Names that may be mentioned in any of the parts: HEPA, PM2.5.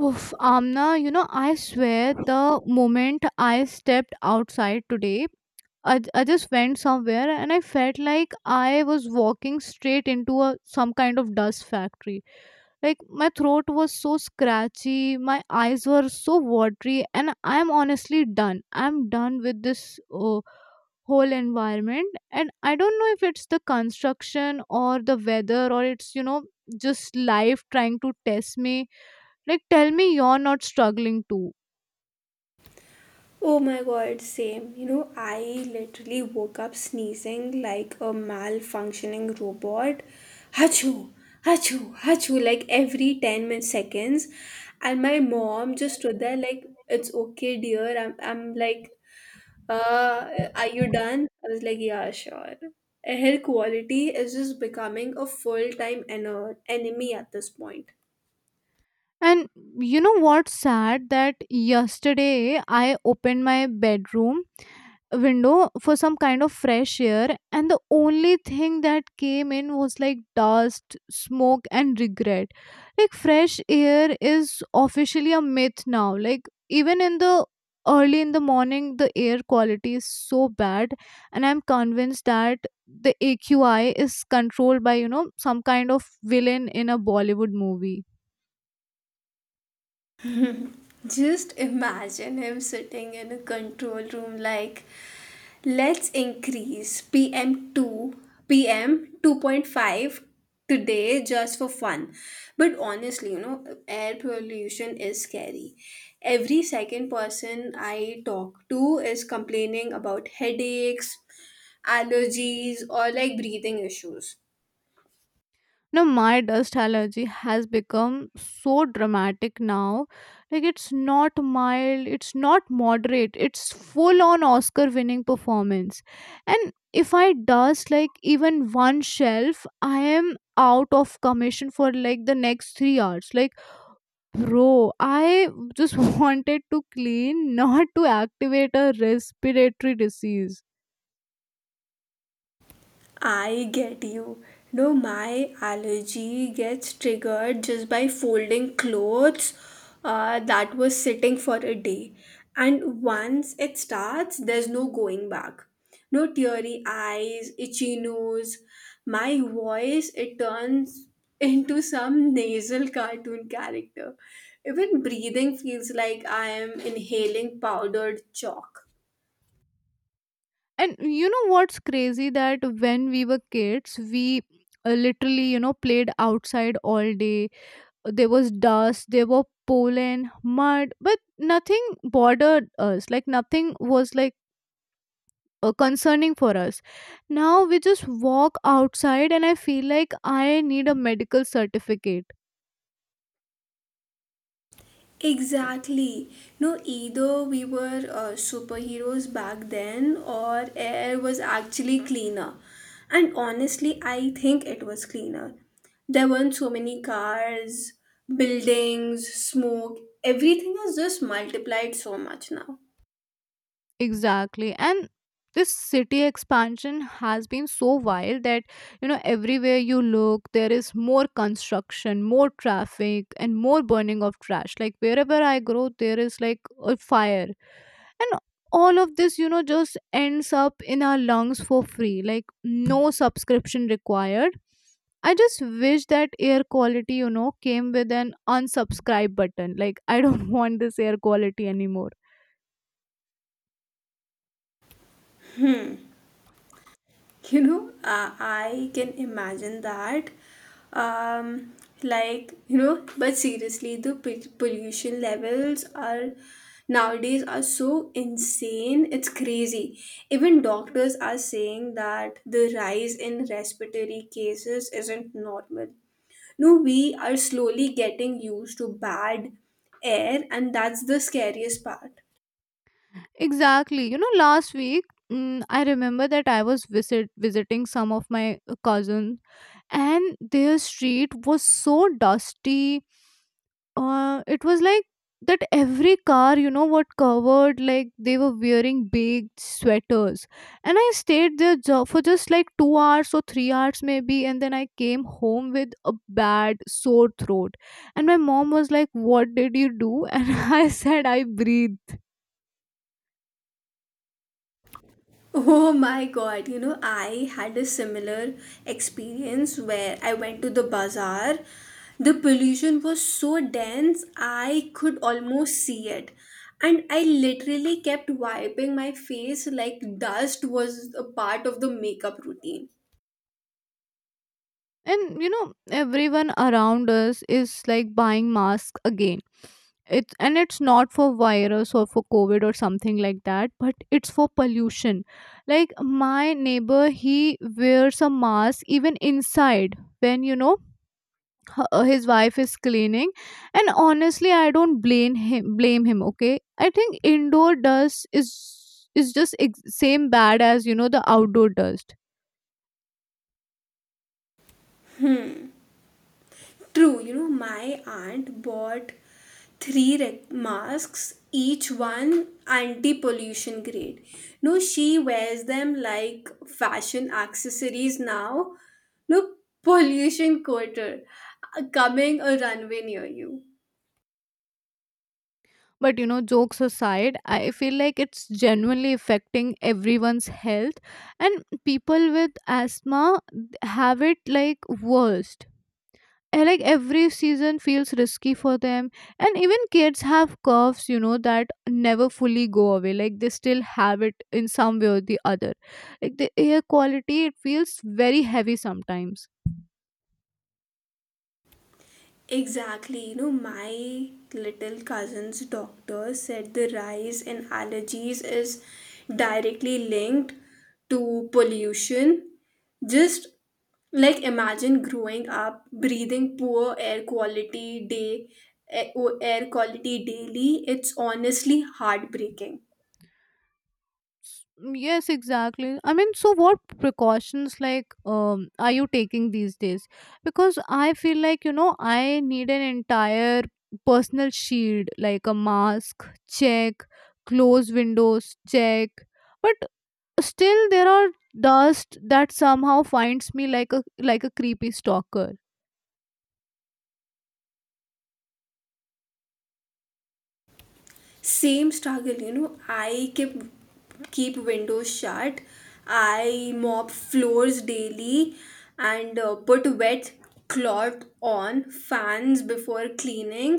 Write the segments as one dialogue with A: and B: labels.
A: Oof, Amna, I swear the moment I stepped outside today, I just went somewhere and I felt like I was walking straight into a some kind of dust factory. Like my throat was so scratchy, my eyes were so watery, and I'm honestly done. I'm done with this whole environment, and I don't know if it's the construction or the weather or it's just life trying to test me like, tell me you're not struggling too.
B: Oh my god, same. You know, I literally woke up sneezing like a malfunctioning robot. Hachu, hachu, hachu, like every 10 seconds. And my mom just stood there like, it's okay, dear. I'm like, uh, are you done? I was like, yeah, sure. Air quality is just becoming a full time enemy at this point.
A: And you know what's sad? That yesterday I opened my bedroom window for some kind of fresh air, and the only thing that came in was like dust, smoke, and regret. Like, fresh air is officially a myth now. Like, even in the early in the morning, the air quality is so bad, and I'm convinced that the AQI is controlled by some kind of villain in a Bollywood movie.
B: Just imagine him sitting in a control room like, let's increase PM 2.5 today just for fun. But honestly, air pollution is scary. Every second person I talk to is complaining about headaches, allergies, or like breathing issues.
A: Now, my dust allergy has become so dramatic now. Like, it's not mild, it's not moderate, it's full on Oscar winning performance. And if I dust like even one shelf, I am out of commission for like the next 3 hours. Like, bro, I just wanted to clean, not to activate a respiratory disease.
B: I get you. No, my allergy gets triggered just by folding clothes that was sitting for a day. And once it starts, there's no going back. No teary eyes, itchy nose. My voice, it turns into some nasal cartoon character. Even breathing feels like I am inhaling powdered chalk.
A: And you know what's crazy that when we were kids, we literally, played outside all day. There was dust, there were pollen, mud, but nothing bothered us. Like nothing was like concerning for us. Now we just walk outside and I feel like I need a medical certificate.
B: Exactly. No, either we were superheroes back then or air was actually cleaner. And honestly, I think it was cleaner. There weren't so many cars, buildings, smoke. Everything has just multiplied so much now.
A: Exactly. And this city expansion has been so wild that, everywhere you look, there is more construction, more traffic, and more burning of trash. Like wherever I go, there is like a fire. And all of this, just ends up in our lungs for free. Like no subscription required. I just wish that air quality, came with an unsubscribe button. Like, I don't want this air quality anymore.
B: I can imagine that. Um, but seriously, the pollution levels are nowadays are so insane. It's crazy. Even doctors are saying that the rise in respiratory cases isn't normal. No, we are slowly getting used to bad air, and that's the scariest part.
A: Exactly. Last week I remember that I was visiting some of my cousins, and their street was so dusty. It was like that every car, what covered like they were wearing big sweaters, and I stayed there for just like 2 hours or 3 hours maybe, and then I came home with a bad sore throat, and my mom was like, "What did you do?" And I said, "I breathed."
B: Oh my god, I had a similar experience where I went to the bazaar. The pollution was so dense, I could almost see it. And I literally kept wiping my face like dust was a part of the makeup routine.
A: And everyone around us is like buying masks again. It's and it's not for virus or for covid or something like that, but it's for pollution. Like, my neighbor, he wears a mask even inside when, his wife is cleaning. And honestly, I don't blame him, okay? I think indoor dust is just same bad as the outdoor dust.
B: True, my aunt bought three masks, each one anti pollution grade. No, she wears them like fashion accessories now. No, pollution quarter coming a runway near you.
A: But jokes aside, I feel like it's genuinely affecting everyone's health, and people with asthma have it like worst. And, like every season feels risky for them, and even kids have coughs, that never fully go away. Like they still have it in some way or the other. Like the air quality, it feels very heavy sometimes.
B: Exactly, my little cousin's doctor said the rise in allergies is directly linked to pollution. Just like imagine growing up breathing poor air quality eh, daily, it's honestly heartbreaking.
A: Yes, exactly. I mean, so what precautions, like, are you taking these days? Because I feel like, I need an entire personal shield. Like, a mask, check. Close windows, check. But still there are dust that somehow finds me like a creepy stalker.
B: Same struggle, I keep windows shut. I mop floors daily and put wet cloth on fans before cleaning,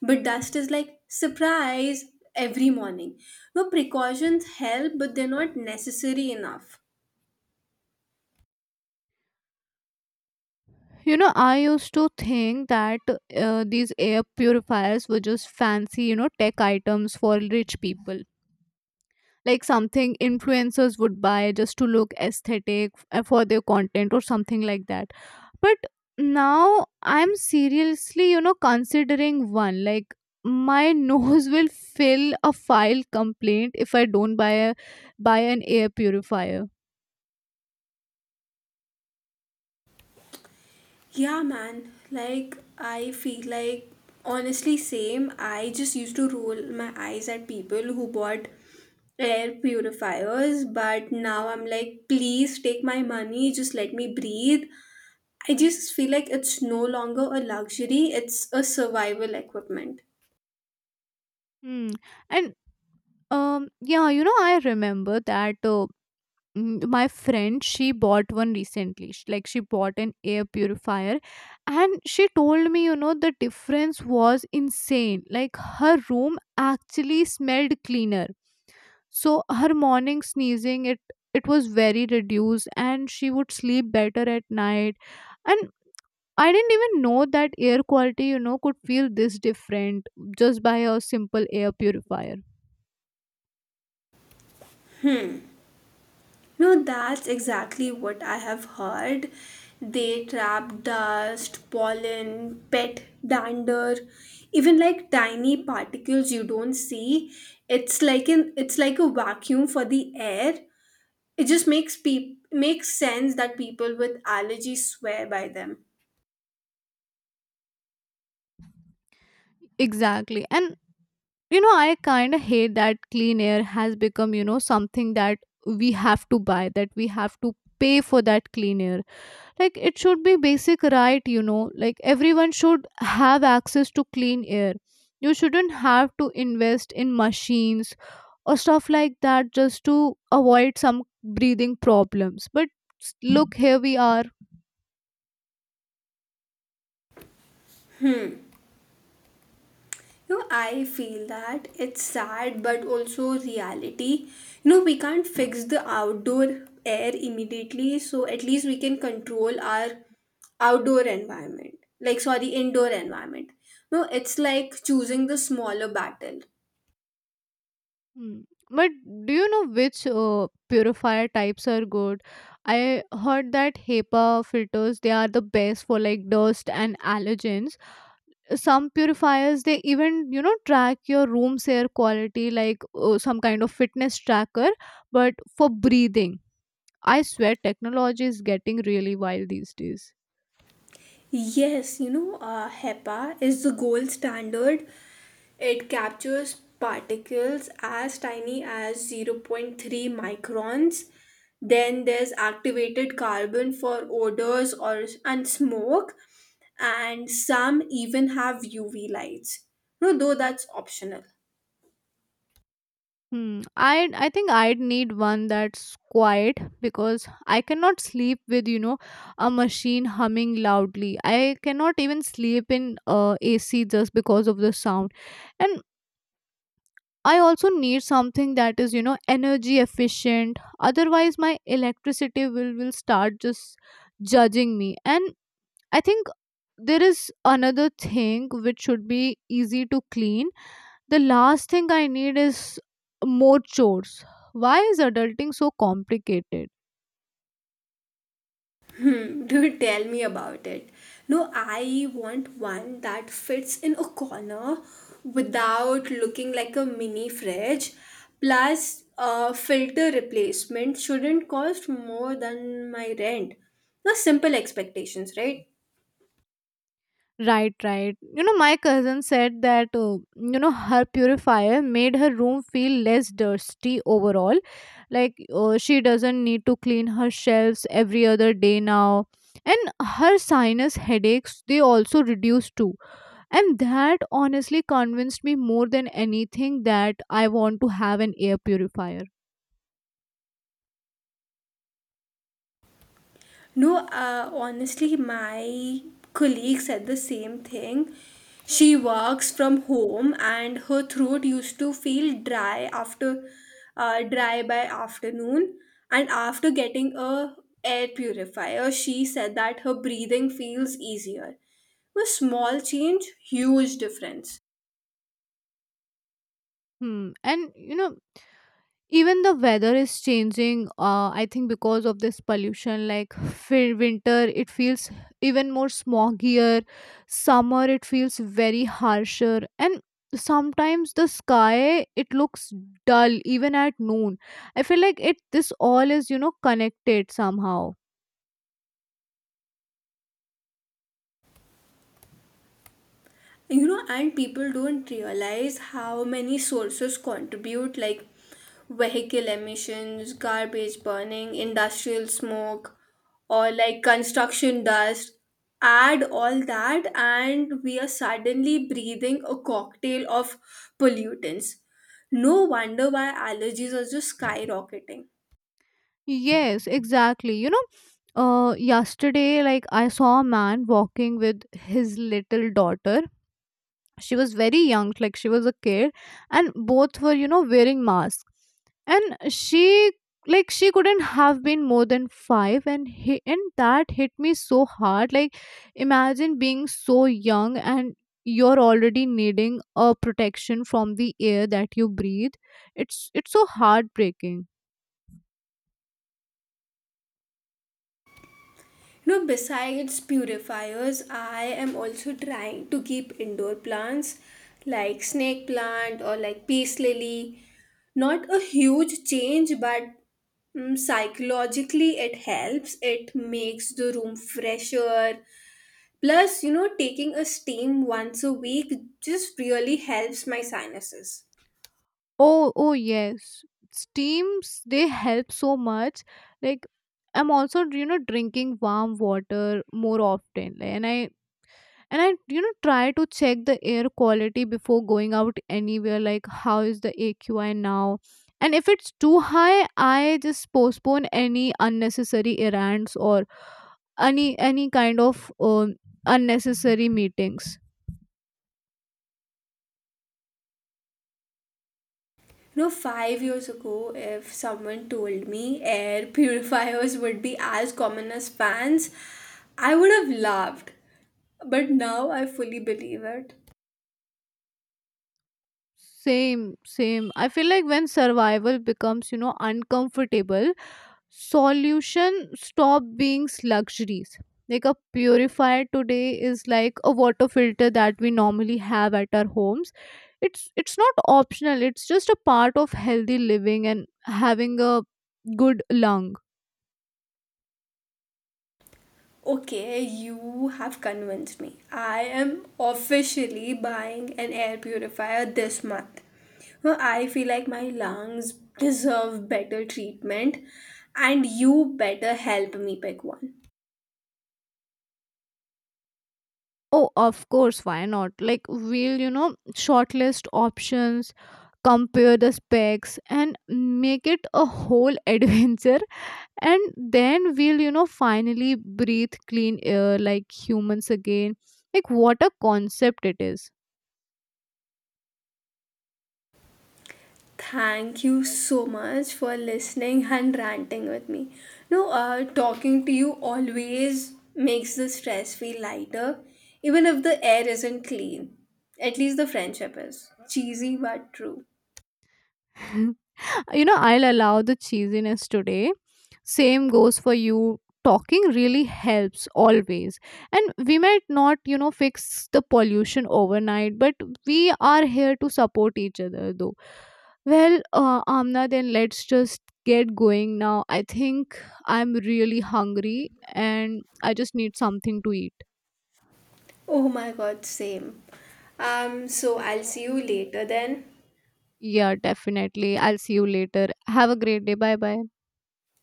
B: but dust is like surprise every morning. No precautions help, but they're not necessary enough.
A: I used to think that these air purifiers were just fancy, tech items for rich people. Like something influencers would buy just to look aesthetic for their content or something like that. But now I'm seriously, considering one. Like, my nose will fill a file complaint if I don't buy an air purifier.
B: Yeah, man. Like, I feel like, honestly, same. I just used to roll my eyes at people who bought air purifiers, but now I'm like, please take my money, just let me breathe. I just feel like it's no longer a luxury, it's a survival equipment.
A: Hmm. And yeah, I remember that my friend, she bought one recently. Like, she bought an air purifier, and she told me, the difference was insane. Like, her room actually smelled cleaner, so her morning sneezing, it was very reduced, and she would sleep better at night. And I didn't even know that air quality, could feel this different just by a simple air purifier.
B: No, that's exactly what I have heard. They trap dust, pollen, pet dander, even like tiny particles you don't see. It's like a vacuum for the air. It just makes peop makes sense that people with allergies swear by them.
A: Exactly. And I kind of hate that clean air has become, something that we have to buy, that we have to pay for that clean air. Like, it should be basic right, like everyone should have access to clean air. You shouldn't have to invest in machines or stuff like that just to avoid some breathing problems. But look, here we are.
B: I feel that it's sad but also reality. We can't fix the outdoor air immediately, so at least we can control our outdoor environment. Like, sorry, indoor environment. No, it's like choosing the smaller battle.
A: Mm. But do you know which purifier types are good? I heard that HEPA filters, they are the best for like dust and allergens. Some purifiers, they even, track your room's air quality, like some kind of fitness tracker, but for breathing. I swear technology is getting really wild these days.
B: Yes, HEPA is the gold standard. It captures particles as tiny as zero point 0.3 microns. Then there's activated carbon for odors or and smoke, and some even have UV lights. No, though that's optional.
A: Hmm. I think I'd need one that's quiet because I cannot sleep with, a machine humming loudly. I cannot even sleep in AC just because of the sound, and I also need something that is, energy efficient. Otherwise, my electricity will start just judging me. And I think there is another thing which should be easy to clean. The last thing I need is more chores. Why is adulting so complicated?
B: Hmm, do tell me about it. No, I want one that fits in a corner without looking like a mini fridge. Plus, a filter replacement shouldn't cost more than my rent. No simple expectations, right?
A: Right, right. My cousin said that, her purifier made her room feel less dusty overall. Like, she doesn't need to clean her shelves every other day now. And her sinus headaches, they also reduced too. And that honestly convinced me more than anything that I want to have an air purifier.
B: No, honestly, my colleague said the same thing. She works from home and her throat used to feel dry after dry by afternoon. And after getting a air purifier, she said that her breathing feels easier. A small change, huge difference.
A: Hmm. And, even the weather is changing, I think, because of this pollution. Like, winter, it feels even more smoggier. Summer, it feels very harsher. And sometimes the sky, it looks dull even at noon. I feel like it this all is, connected somehow.
B: And people don't realize how many sources contribute like vehicle emissions, garbage burning, industrial smoke, or like construction dust. Add all that and we are suddenly breathing a cocktail of pollutants. No wonder why allergies are just skyrocketing.
A: Yes, exactly. Yesterday, like, I saw a man walking with his little daughter. She was very young, like she was a kid, and both were, wearing masks. And she like she couldn't have been more than 5. And that hit me so hard. Like, imagine being so young and you're already needing a protection from the air that you breathe. It's so heartbreaking.
B: No, besides purifiers, I am also trying to keep indoor plants like snake plant or like peace lily. Not a huge change, but psychologically it helps. It makes the room fresher. Plus, taking a steam once a week just really helps my sinuses.
A: Oh, oh, yes, steams, they help so much. Like, I'm also, drinking warm water more often, and I try to check the air quality before going out anywhere, like how is the AQI now. And if it's too high, I just postpone any unnecessary errands or any kind of unnecessary meetings.
B: You know, 5 years ago, if someone told me air purifiers would be as common as fans, I would have laughed. But now I fully believe it.
A: Same, same. I feel like when survival becomes, uncomfortable, solution stop being luxuries. Like, a purifier today is like a water filter that we normally have at our homes. It's not optional. It's just a part of healthy living and having a good lung.
B: Okay, you have convinced me. I am officially buying an air purifier this month. Well, I feel like my lungs deserve better treatment, and you better help me pick one.
A: Oh, of course, why not? Like, we'll, shortlist options, compare the specs, and make it a whole adventure. And then we'll, finally breathe clean air like humans again. Like, what a concept it is.
B: Thank you so much for listening and ranting with me. No, talking to you always makes the stress feel lighter, even if the air isn't clean. At least the friendship is. Cheesy but true.
A: I'll allow the cheesiness today. Same goes for you, talking really helps always. And we might not, fix the pollution overnight, but we are here to support each other though. Well, Amna, then let's just get going now, I think. I'm really hungry and I just need something to eat.
B: Oh my god, same. So I'll see you later then.
A: Yeah, definitely. I'll see you later. Have a great day. Bye bye.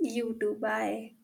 B: You too, bye.